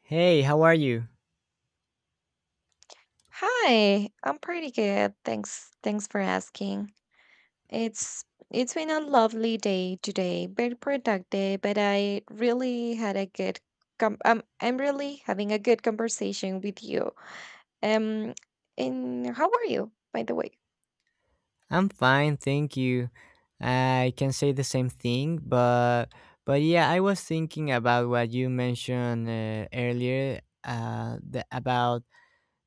Hey, how are you? Hi, I'm pretty good. Thanks. Thanks for asking. It's it's been a lovely day today, very productive, but I really had a good com I'm really having a good conversation with you. Um, and how are you, by the way? I'm fine, thank you. I can say the same thing, but yeah, I was thinking about what you mentioned earlier, about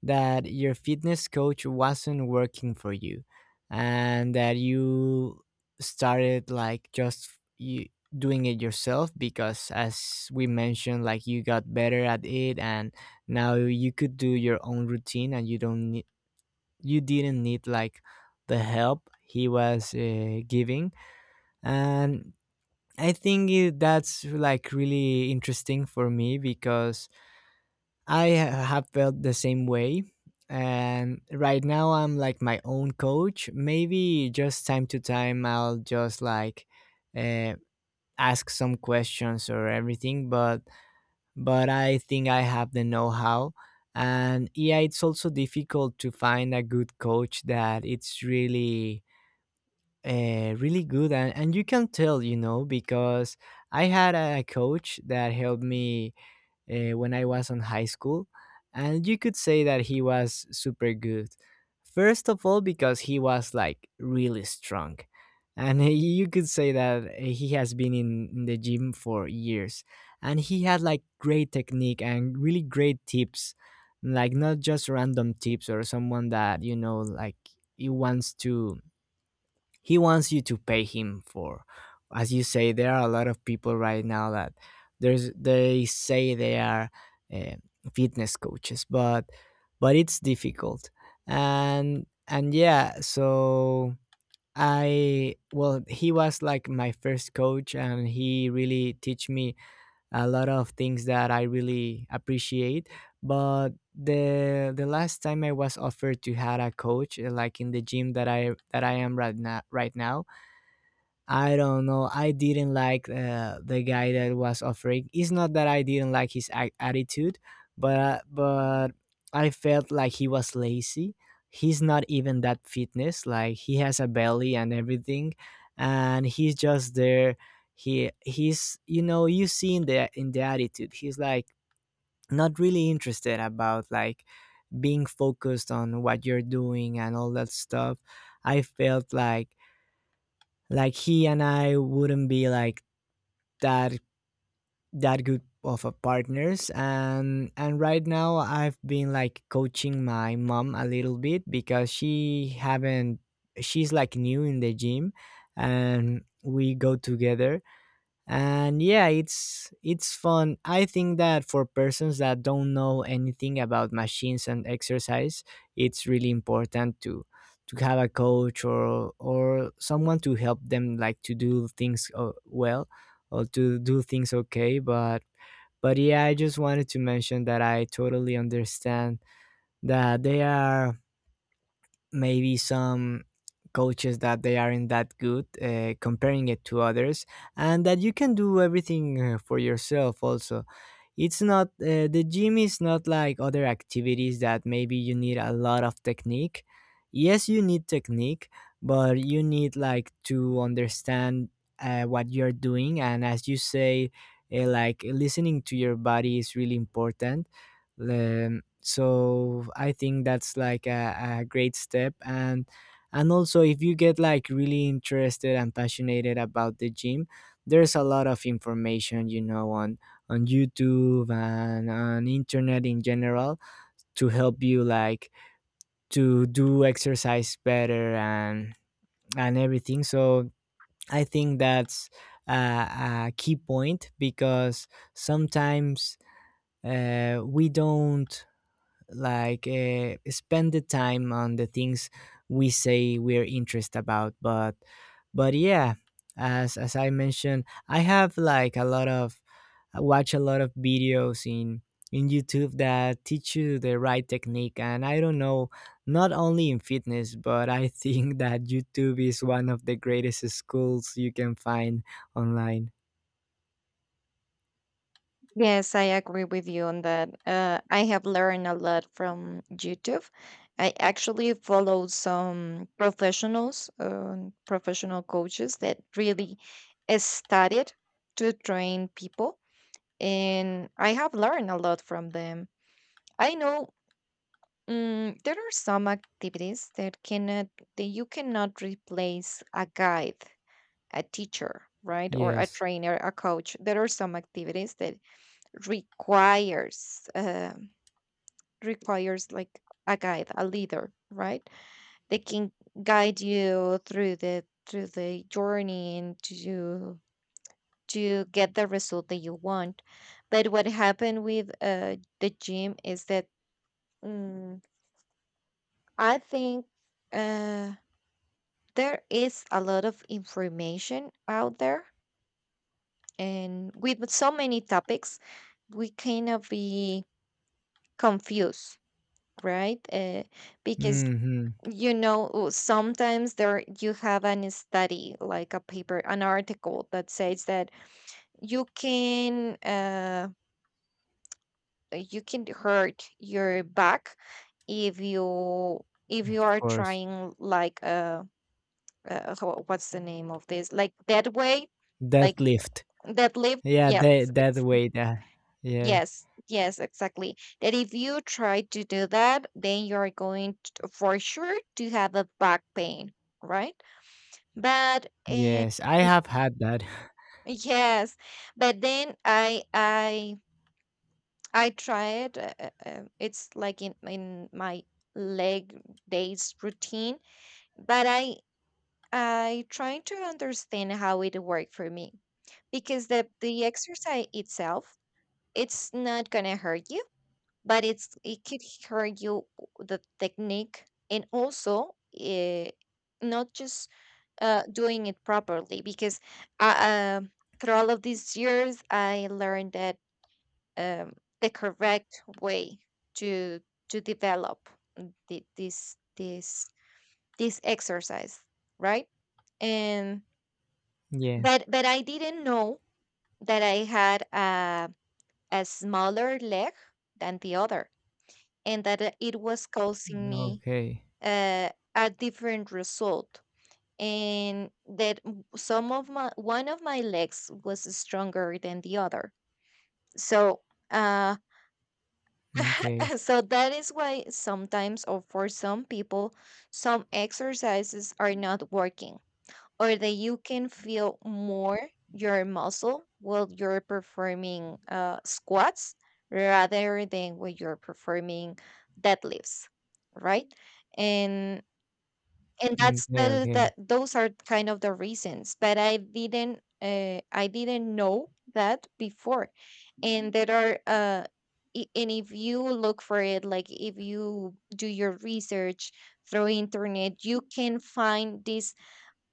that your fitness coach wasn't working for you, and that you started, like, just you doing it yourself because, as we mentioned, like you got better at it and now you could do your own routine and you don't nee, you didn't need like the help he was giving. And that's like really interesting for me because I ha- have felt the same way. And right now I'm like my own coach, maybe just time to time I'll just like uh, ask some questions or everything, but I think I have the know-how. And yeah, it's also difficult to find a good coach that it's really, really good, and you can tell, you know, because I had a coach that helped me when I was in high school. And you could say that he was super good, first of all because he was like really strong, and he- you could say that he has been in the gym for years and he had like great technique and really great tips, like, not just random tips or someone that, you know, like he wants to, he wants you to pay him for. As you say, there are a lot of people right now that there's, they say they are uh, fitness coaches, but it's difficult. And yeah, so I, well, he was like my first coach and he really teach me a lot of things that I really appreciate. But the last time I was offered to had a coach, like in the gym that I, that I am right now right now, I don't know. I didn't like the guy that was offering. It's not that I didn't like his a- attitude, but I felt like he was lazy. He's not even that fitness. Like, he has a belly and everything, and he's just there. He's, you know, you see in the attitude. He's like not really interested about, like, being focused on what you're doing and all that stuff. I felt like, he and I wouldn't be like that, that good of a partners. And right now I've been like coaching my mom a little bit because she haven't, she's like new in the gym, and we go together. And yeah, it's fun. I think that for persons that don't know anything about machines and exercise, it's really important to have a coach or someone to help them, like, to do things well, or to do things okay. But yeah, I just wanted to mention that I totally understand that they are maybe some coaches that they aren't that good, comparing it to others, and that you can do everything for yourself also. It's not the gym is not like other activities that maybe you need a lot of technique. Yes, you need technique, but you need like to understand what you're doing. And as you say, like, listening to your body is really important. So I think that's like a great step. And also, if you get like really interested and passionate about the gym, there's a lot of information, you know, on YouTube and on internet in general, to help you, like, to do exercise better and everything. So I think that's a, a key point because sometimes we don't like spend the time on the things we say we're interested about. But yeah, as I mentioned, I have like a lot of, I watch a lot of videos in YouTube that teach you the right technique. And I don't know, not only in fitness, but I think that YouTube is one of the greatest schools you can find online. Yes, I agree with you on that. I have learned a lot from YouTube. I actually follow some professionals, professional coaches that really studied to train people, and I have learned a lot from them. I know there are some activities that cannot that you cannot replace a guide, a teacher, right, or a Yes. trainer, a coach. There are some activities that requires requires like a guide, a leader, right? They can guide you through the journey and to get the result that you want. But what happened with the gym is that mm, I think uh, there is a lot of information out there, and with so many topics, we kind of be confused, right? Because Hmm. Sometimes there you have an study like a paper an article that says that you can uh you can hurt your back if you if you Of are course. trying like what's the name of this like that way like Deadlift. that lift Yeah, yes that that ex- way that yeah. yes yes exactly that if you try to do that then you're going to, for sure to have a back pain right. But eh, Yes, I it have had that. yes, but then I tried. It's like in my leg days routine, but I trying to understand how it worked for me because the exercise itself it's not gonna hurt you but it could hurt you the technique and also not just doing it properly because I, um through all of these years I learned that um, the correct way to to develop the, this exercise right and Yeah. but I didn't know that I had a smaller leg than the other and that it was causing me Okay. uh, a different result and that w- some of my one of my legs was stronger than the other so uh Okay. so that is why sometimes or for some people some exercises are not working or that you can feel more your muscle while you're performing squats rather than when you're performing deadlifts right. And that's Okay, the okay. those are kind of the reasons but I didn't know that before. And there are and if you look for it, like if you do your research through internet, you can find these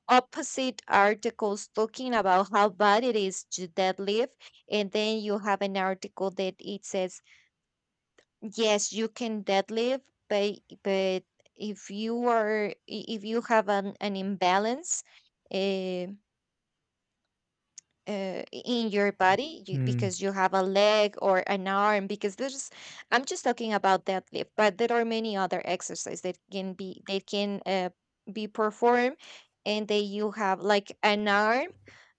opposite articles talking about how bad it is to deadlift, and then you have an article that it says yes, you can deadlift but but if you are if you have an imbalance uh, in your body you, Mm. because you have a leg or an arm because there's I'm just talking about deadlift but there are many other exercises that can be performed and that you have like an arm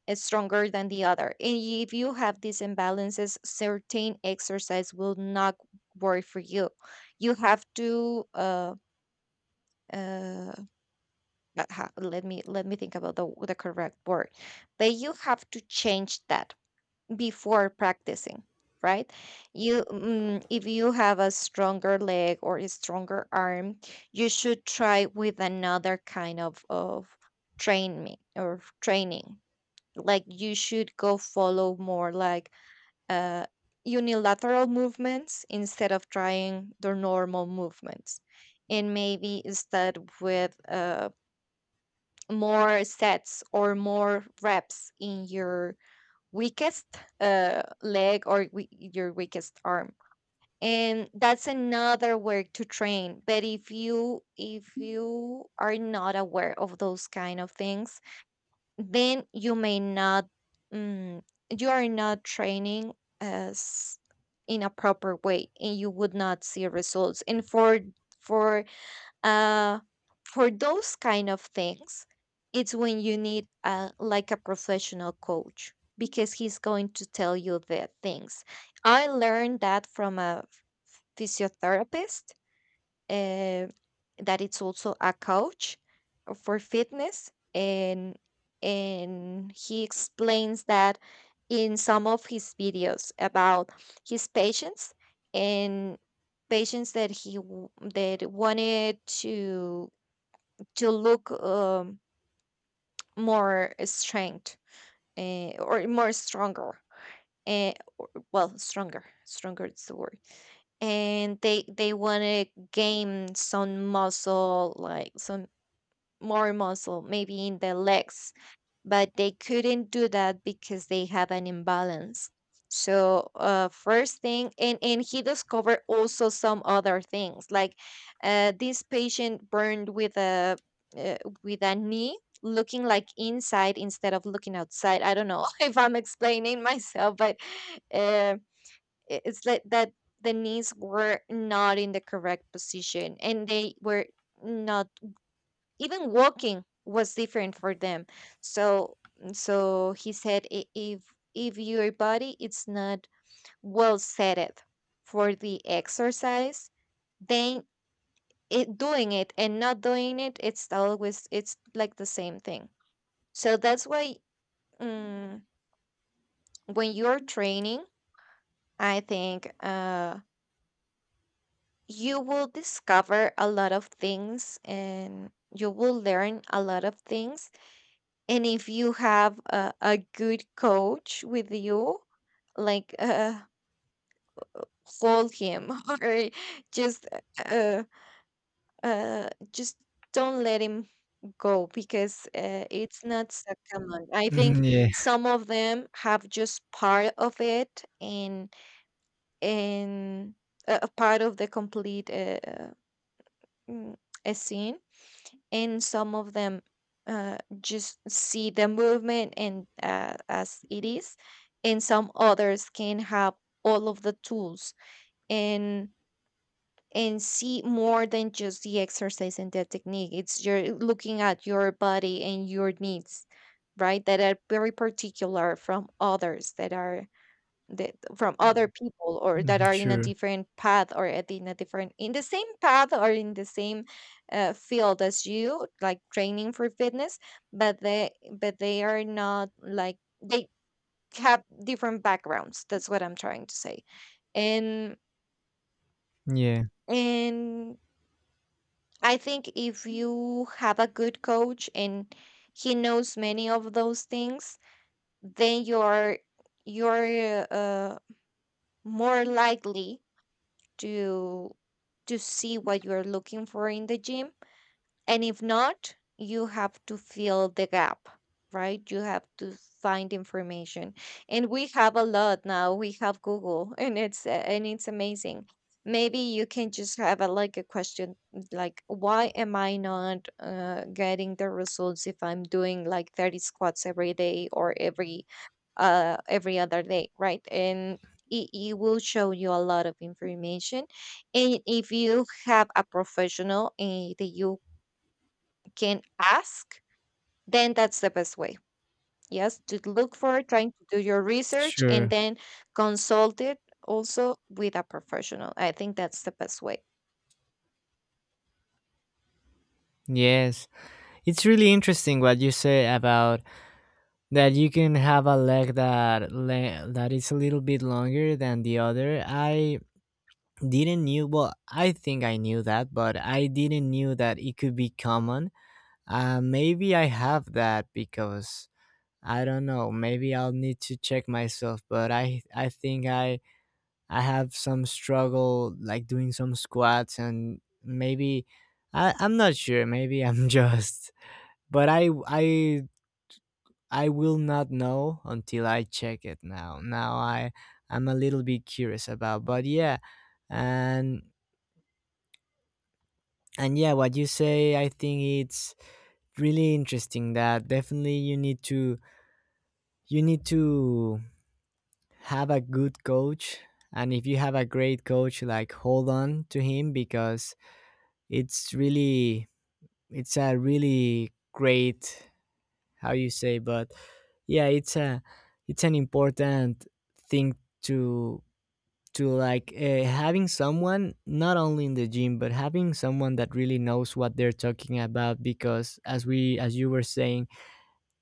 is stronger than the other. And if you have these imbalances, certain exercise will not work for you. You have to uh let me think about the correct word. But you have to change that before practicing, right? If you have a stronger leg or a stronger arm, you should try with another kind of training or training like you should go follow more like uh, unilateral movements instead of trying the normal movements, and maybe instead with more sets or more reps in your weakest leg or your weakest arm. And that's another way to train, but if you are not aware of those kind of things then you may not mm, you are not training as in a proper way, and you would not see results. And for uh for those kind of things, it's when you need a like a professional coach because he's going to tell you the things. I learned that from a physiotherapist, uh, that it's also a coach for fitness, and he explains that in some of his videos about his patients and patients that wanted to look more strength or more stronger uh, well stronger is the word. And they want to gain some muscle like some more muscle, maybe in the legs, but they couldn't do that because they have an imbalance. So first thing, and he discovered also some other things like this patient burned uh, with a knee looking like inside instead of looking outside. I don't know if I'm explaining myself, but uh, it's like that the knees were not in the correct position, and they were not even walking was different for them. So so he said, If your body it's not well set for the exercise, then it doing it and not doing it it's always it's like the same thing. So that's why um, when you're training I think you will discover a lot of things and you will learn a lot of things. And if you have a good coach with you like hold him or just uh just don't let him go because it's not so common I think. Mm, yeah. Some of them have just part of it and and a part of the complete mm, a scene, and some of them just see the movement and as it is, and some others can have all of the tools and see more than just the exercise, and the technique it's you're looking at your body and your needs, right, that are very particular from others that are that from other Mhm. people, or that Mm, are in a sure. different path or at in a different in the same path or in the same field as you, like training for fitness. But they are not like they have different backgrounds. That's what I'm trying to say. And Yeah. and I think if you have a good coach and he knows many of those things, then you're more likely to to see what you are looking for in the gym. And if not, you have to fill the gap, right? You have to find information. And we have a lot now. We have Google, and it's amazing. Maybe you can just have a, like a question like why am I not getting the results if I'm doing like 30 squats every day or every other day, right? And it will show you a lot of information. And if you have a professional that you can ask, then that's the best way. Yes, to look for trying to do your research and Sure. then consult it also with a professional. I think that's the best way. Yes. It's really interesting what you say about that, you can have a leg that le- that is a little bit longer than the other. I didn't knew, well, I think I knew that, but I didn't knew that it could be common. Uh, maybe I have that because, I don't know. Maybe I'll need to check myself, but I think I have some struggle like doing some squats. And maybe I, I'm not sure. Maybe I'm just, but I I will not know until I check it. Now. Now I, I'm a little bit curious about. But yeah, and and yeah, what you say, I think it's really interesting that definitely you need to, you need to have a good coach. And if you have a great coach, like, hold on to him, because it's really, it's a really great, how you say, but yeah, it's a, it's an important thing to to, like, having someone not only in the gym, but having someone that really knows what they're talking about. Because as we, as you were saying,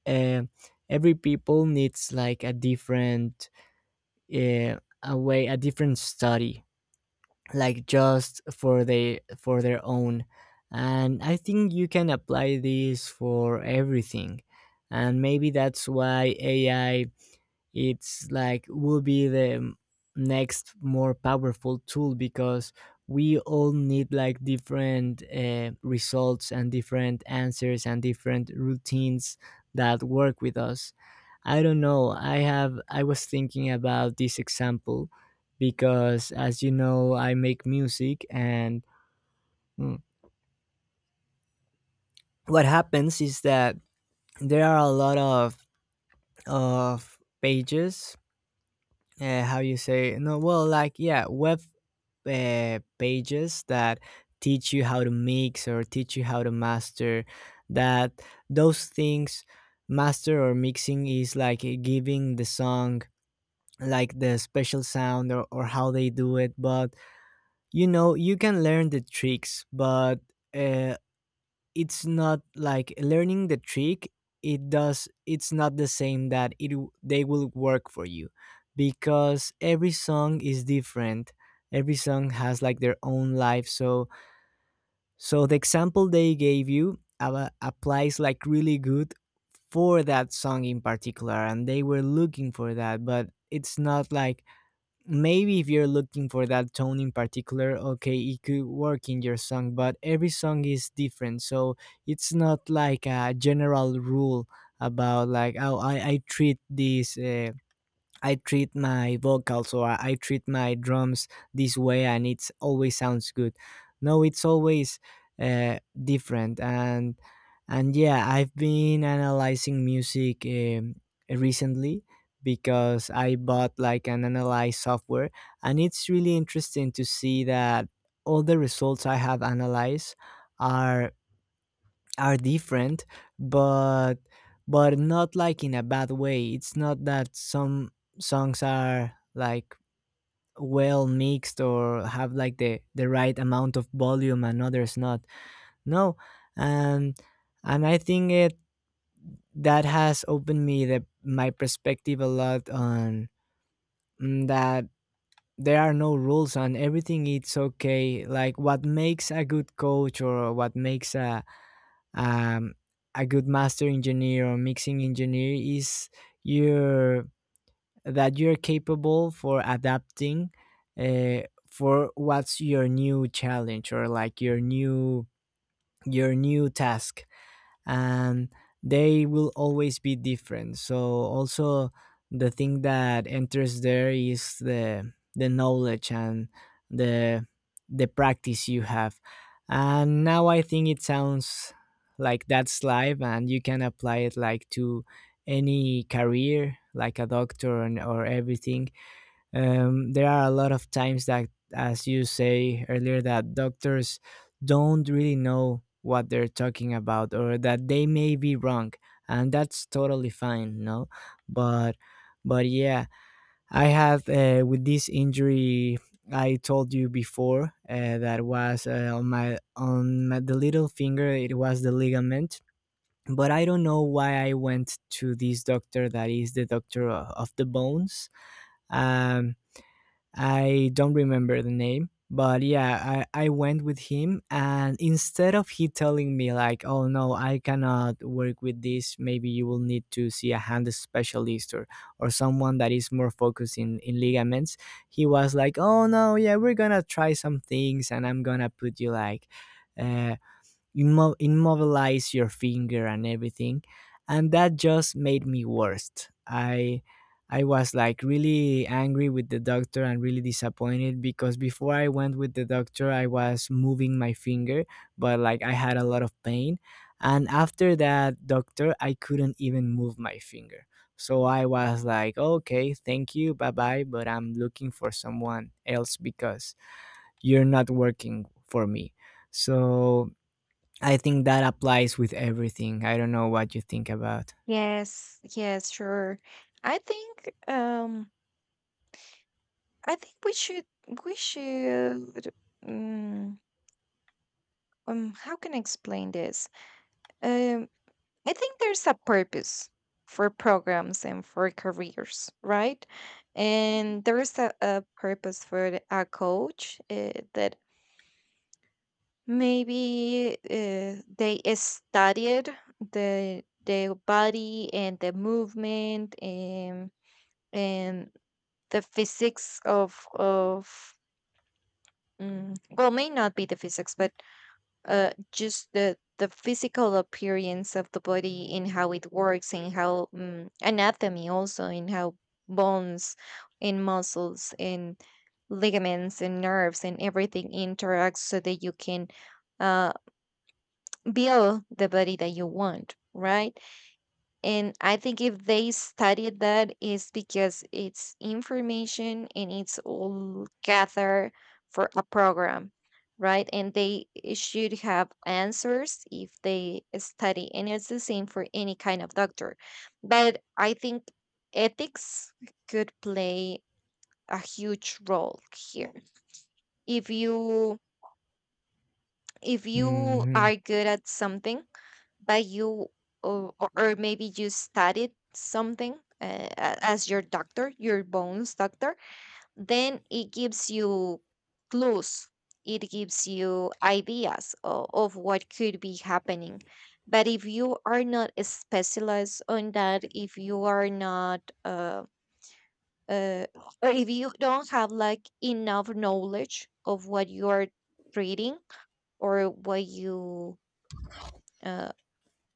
um every people needs like a different, eh, away, a different study, like just for the, for their own. And I think you can apply this for everything. And maybe that's why AI, it's like, will be the next more powerful tool, because we all need like different results and different answers and different routines that work with us. I don't know, I have, I was thinking about this example because, as you know, I make music. And mm, what happens is that there are a lot of pages, how you say, no, well, like, yeah, web pages that teach you how to mix or teach you how to master, that, those things. Master or mixing is like giving the song, like, the special sound, or how they do it. But, you know, you can learn the tricks, but uh, it's not like learning the trick, it does, it's not the same that it w- they will work for you, because every song is different, every song has like their own life. So so the example they gave you, aba- applies like really good for that song in particular, and they were looking for that. But it's not like, maybe if you're looking for that tone in particular, okay, it could work in your song, but every song is different. So it's not like a general rule about, like, how I treat this, I treat my vocals or I treat my drums this way, and it's always sounds good. No, it's always different. And yeah, I've been analyzing music, recently, because I bought like an analyze software. And it's really interesting to see that all the results I have analyzed are are different. but but not like in a bad way. It's not that some songs are like well mixed or have, like, the right amount of volume and others not. No. And and I think it, that has opened me the, my perspective a lot on, that there are no rules and everything, it's okay. Like, what makes a good coach or what makes um, a good master engineer or mixing engineer is your, that you're capable for adapting uh, for what's your new challenge, or, like, your new, your new task. And they will always be different. So also the thing that enters there is the knowledge and the the practice you have. And now I think it sounds, like, that's life and you can apply it like to any career, like a doctor and, or everything. There are a lot of times that, as you say earlier, that doctors don't really know what they're talking about, or that they may be wrong. And that's totally fine, no? But, but yeah, I had with this injury I told you before, that was on my, on my, the little finger. It was the ligament, but I don't know why I went to this doctor that is the doctor o- of the bones. Um, I don't remember the name, but yeah, I went with him. And instead of he telling me, like, oh no, I cannot work with this, maybe you will need to see a hand specialist, or someone that is more focused in ligaments, he was like, oh no, yeah, we're gonna try some things, and I'm gonna put you like, uh, immo- immobilize your finger and everything. And that just made me worst. I was like really angry with the doctor and really disappointed, because before I went with the doctor, I was moving my finger, but, like, I had a lot of pain. And after that doctor, I couldn't even move my finger. So I was like, okay, thank you, bye bye, but I'm looking for someone else because you're not working for me. So I think that applies with everything. I don't know what you think about. Yes, yes, sure. I think we should we should um, how can I explain this? um. I think there's a purpose for programs and for careers, right? And there is a purpose for a coach that maybe they studied the body and the movement and and the physics of well may not be the physics but just the physical appearance of the body, and how it works, and how anatomy also, and how bones and muscles and ligaments and nerves and everything interacts so that you can uh, build the body that you want, right. And I think if they studied that, is because it's information and it's all gathered for a program, right? And they should have answers if they study. And it's the same for any kind of doctor. But I think ethics could play a huge role here. If you if you Hmm. are good at something, by you, or, or maybe you studied something as your doctor your bones doctor, then it gives you clues, it gives you ideas of what could be happening. But if you are not specialized on that, if you are not uh, or if you don't have like enough knowledge of what you are treating or what you uh,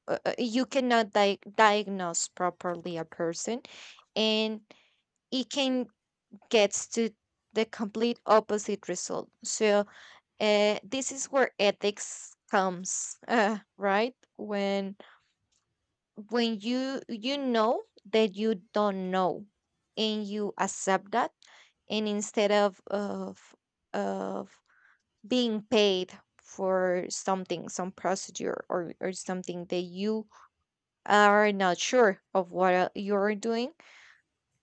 you cannot diagnose properly a person, and it can get to the complete opposite result. So this is where ethics comes right, when you you know that you don't know and you accept that, and instead of of being paid for something some procedure or something that you are not sure of what you're doing,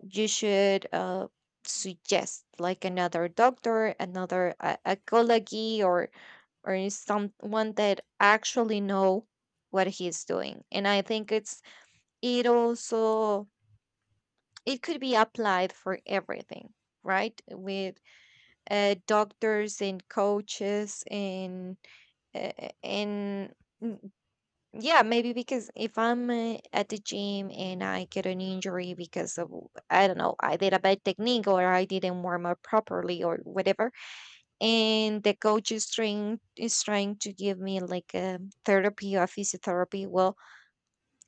you should suggest like another doctor, another a colleague, or someone that actually know what he's doing. And I think it's it also it could be applied for everything, right? With doctors and coaches uh, and yeah, maybe because if I'm at the gym and I get an injury because of, I don't know, I did a bad technique or I didn't warm up properly or whatever, and the coach is trying to give me like a therapy or physiotherapy, well,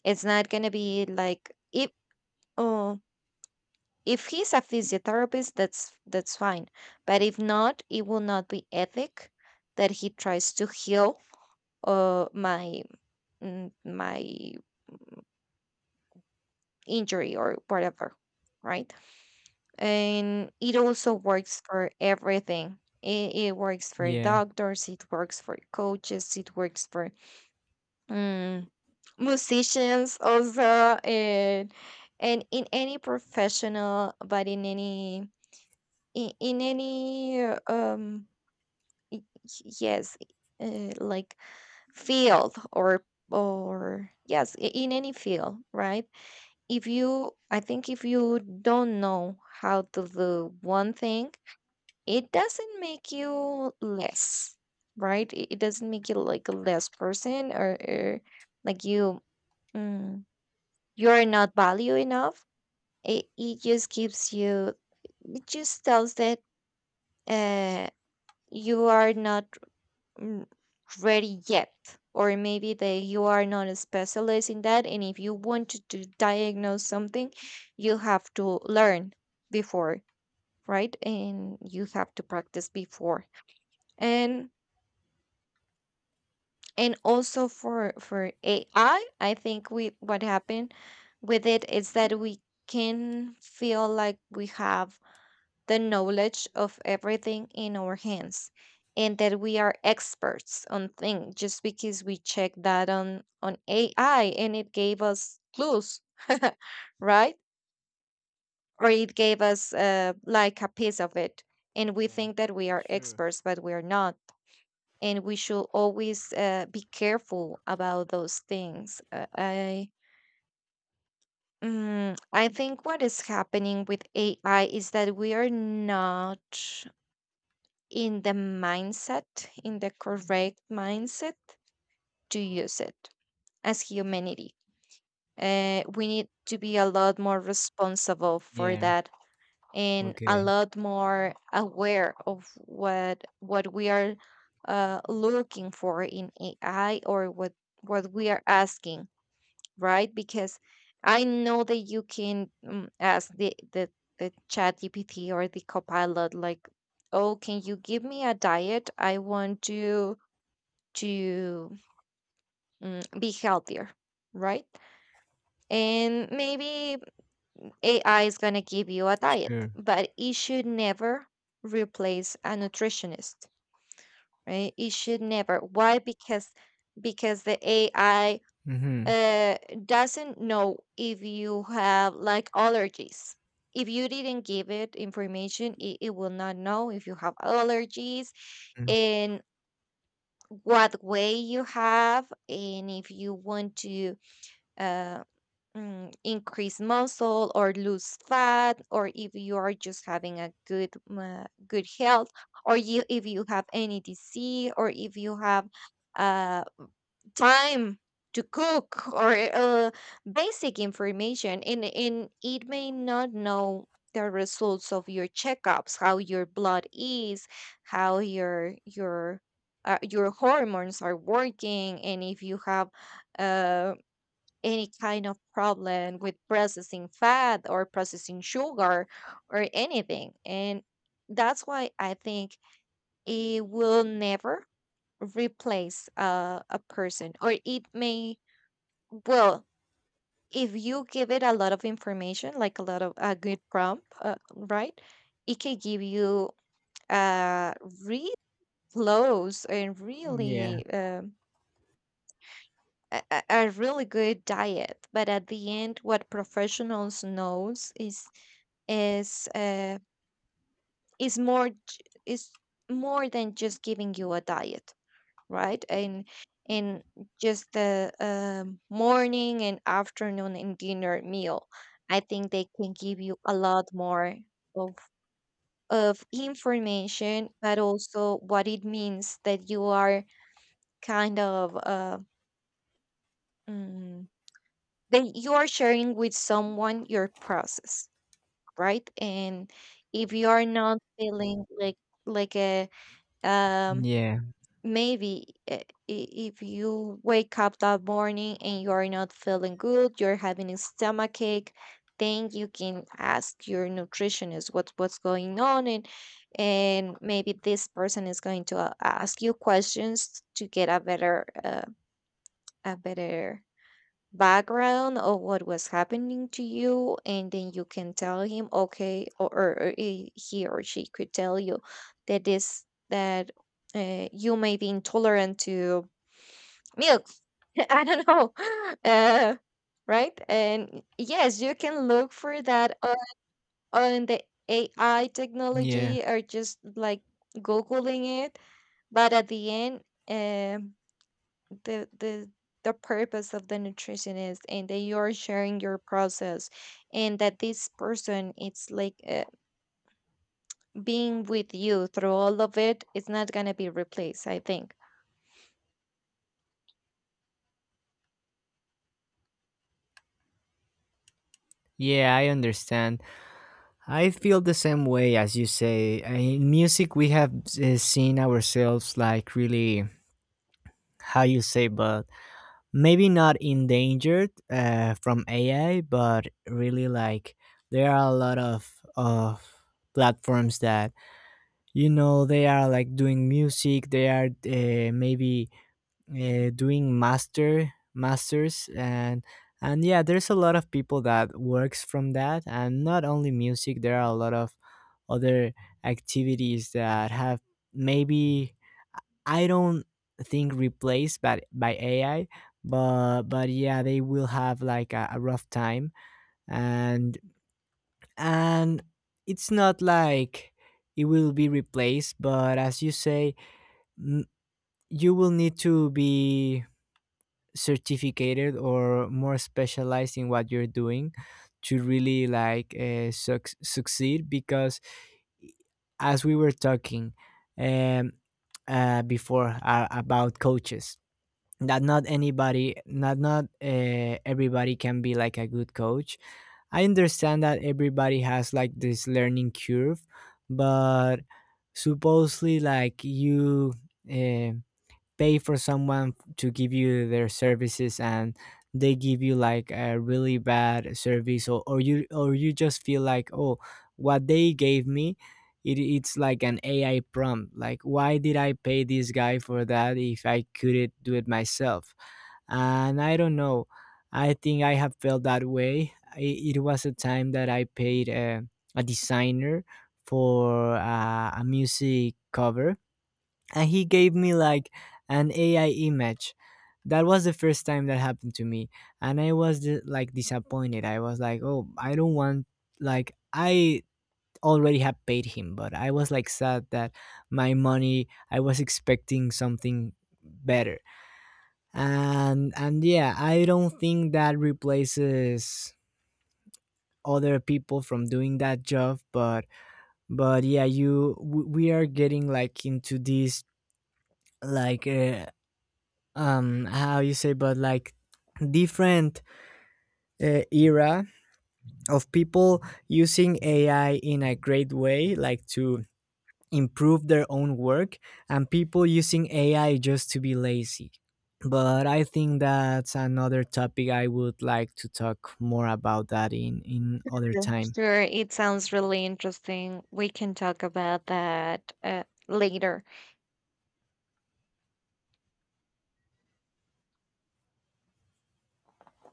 it's not gonna be like if oh if he's a physiotherapist, that's fine. But if not, it will not be ethic that he tries to heal my my injury or whatever, right? And it also works for everything. It works for Yeah. doctors, it works for coaches, it works for mm, musicians also, and in any professional, but in any in any yes, like field or yes, in any field, right? If you, I think if you don't know how to do one thing, it doesn't make you less. Right, it doesn't make you like a less person, or like you, mm, you're not value enough. It just gives you, it just tells that uh you are not, mm, ready yet, or maybe that you are not a specialist in that. And if you want to diagnose something, you have to learn before, right? And you have to practice before. and and also for AI, I think we, what happened with it is that we can feel like we have the knowledge of everything in our hands, and that we are experts on things just because we checked that on AI and it gave us clues, right? Or it gave us like a piece of it, and we Yeah. think that we are Sure. experts, but we are not. And we should always be careful about those things. I think what is happening with AI is that we are not in the mindset, in the correct mindset to use it as humanity. We need to be a lot more responsible for Yeah. that, and a Okay. lot more aware of what we are looking for in AI, or what we are asking, right? Because I know that you can ask the chat GPT or the copilot, like, oh, can you give me a diet? I want to be healthier, right? And maybe AI is gonna give you a diet, Sure. but it should never replace a nutritionist, right? It should never. Why? Because the AI Mm-hmm. uh, doesn't know if you have like allergies. If you didn't give it information, it will not know if you have allergies, and what way you have, and if you want to uh, increase muscle or lose fat, or if you are just having a good good health, or you if you have any disease, or if you have uh, time to cook, or basic information. And it may not know the results of your checkups, how your blood is, how your your hormones are working, and if you have uh, any kind of problem with processing fat or processing sugar or anything. And that's why I think it will never replace a person. Or it may, well, if you give it a lot of information, like a lot of a good prompt, right, it can give you uh really close and Mm-hmm. Yeah. really a, a really good diet. But at the end, what professionals knows is uh, is more than just giving you a diet, right? And just the morning and afternoon and dinner meal, I think they can give you a lot more of of information, but also what it means that you are kind of mm, that you are sharing with someone your process, right? And if you are not feeling like a um Yeah. maybe, if you wake up that morning and you are not feeling good, you're having a stomach ache, then you can ask your nutritionist what what's going on. And maybe this person is going to ask you questions to get a better background of what was happening to you. And then you can tell him okay, or he or she could tell you that this that you may be intolerant to milk, I don't know, uh, right? And yes, you can look for that on the AI Yeah. technology, or just like googling it. But at the end, um the the the purpose of the nutritionist, and that you're sharing your process, and that this person it's like being with you through all of it, it's not going to be replaced, I think. Yeah, I understand. I feel the same way as you say. I- In music, we have seen ourselves like really, how you say, but maybe not endangered from AI, but really like there are a lot of platforms that, you know, they are like doing music, they are maybe doing master masters. And yeah, there's a lot of people that works from that. And not only music, there are a lot of other activities that have, maybe, I don't think replaced by AI, but yeah, they will have, like, a rough time. And and it's not like it will be replaced, but as you say, N- you will need to be certificated or more specialized in what you're doing, to really, like, suc succeed, because as we were talking, um, before, about coaches, that not anybody, not, not, everybody can be like a good coach. I understand that everybody has like this learning curve, but supposedly like you uh, pay for someone to give you their services, and they give you like a really bad service, or you, or you just feel like, oh, what they gave me, it, it's like an AI prompt, like, why did I pay this guy for that if I couldn't do it myself. And I don't know, I think I have felt that way. It was a time that I paid a designer for a music cover, and he gave me like an AI image. That was the first time that happened to me, and I was di- like disappointed. I was like, "Oh, I don't want, like I already have paid him," but I was like sad that my money. I was expecting something better. And yeah, I don't think that replaces other people from doing that job. But yeah, you w- we are getting like into this like. How you say, but like, different era of people using AI in a great way, like to improve their own work, and people using AI just to be lazy. But I think that's another topic. I would like to talk more about that in other time. Sure, it sounds really interesting, we can talk about that later.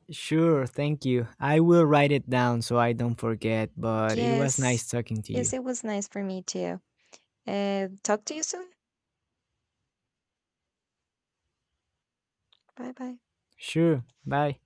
Sure, thank you. I will write it down so I don't forget, but it was Yes. nice talking to Yes, you. it was nice for me too. Talk to you soon. Bye bye. Sure, bye.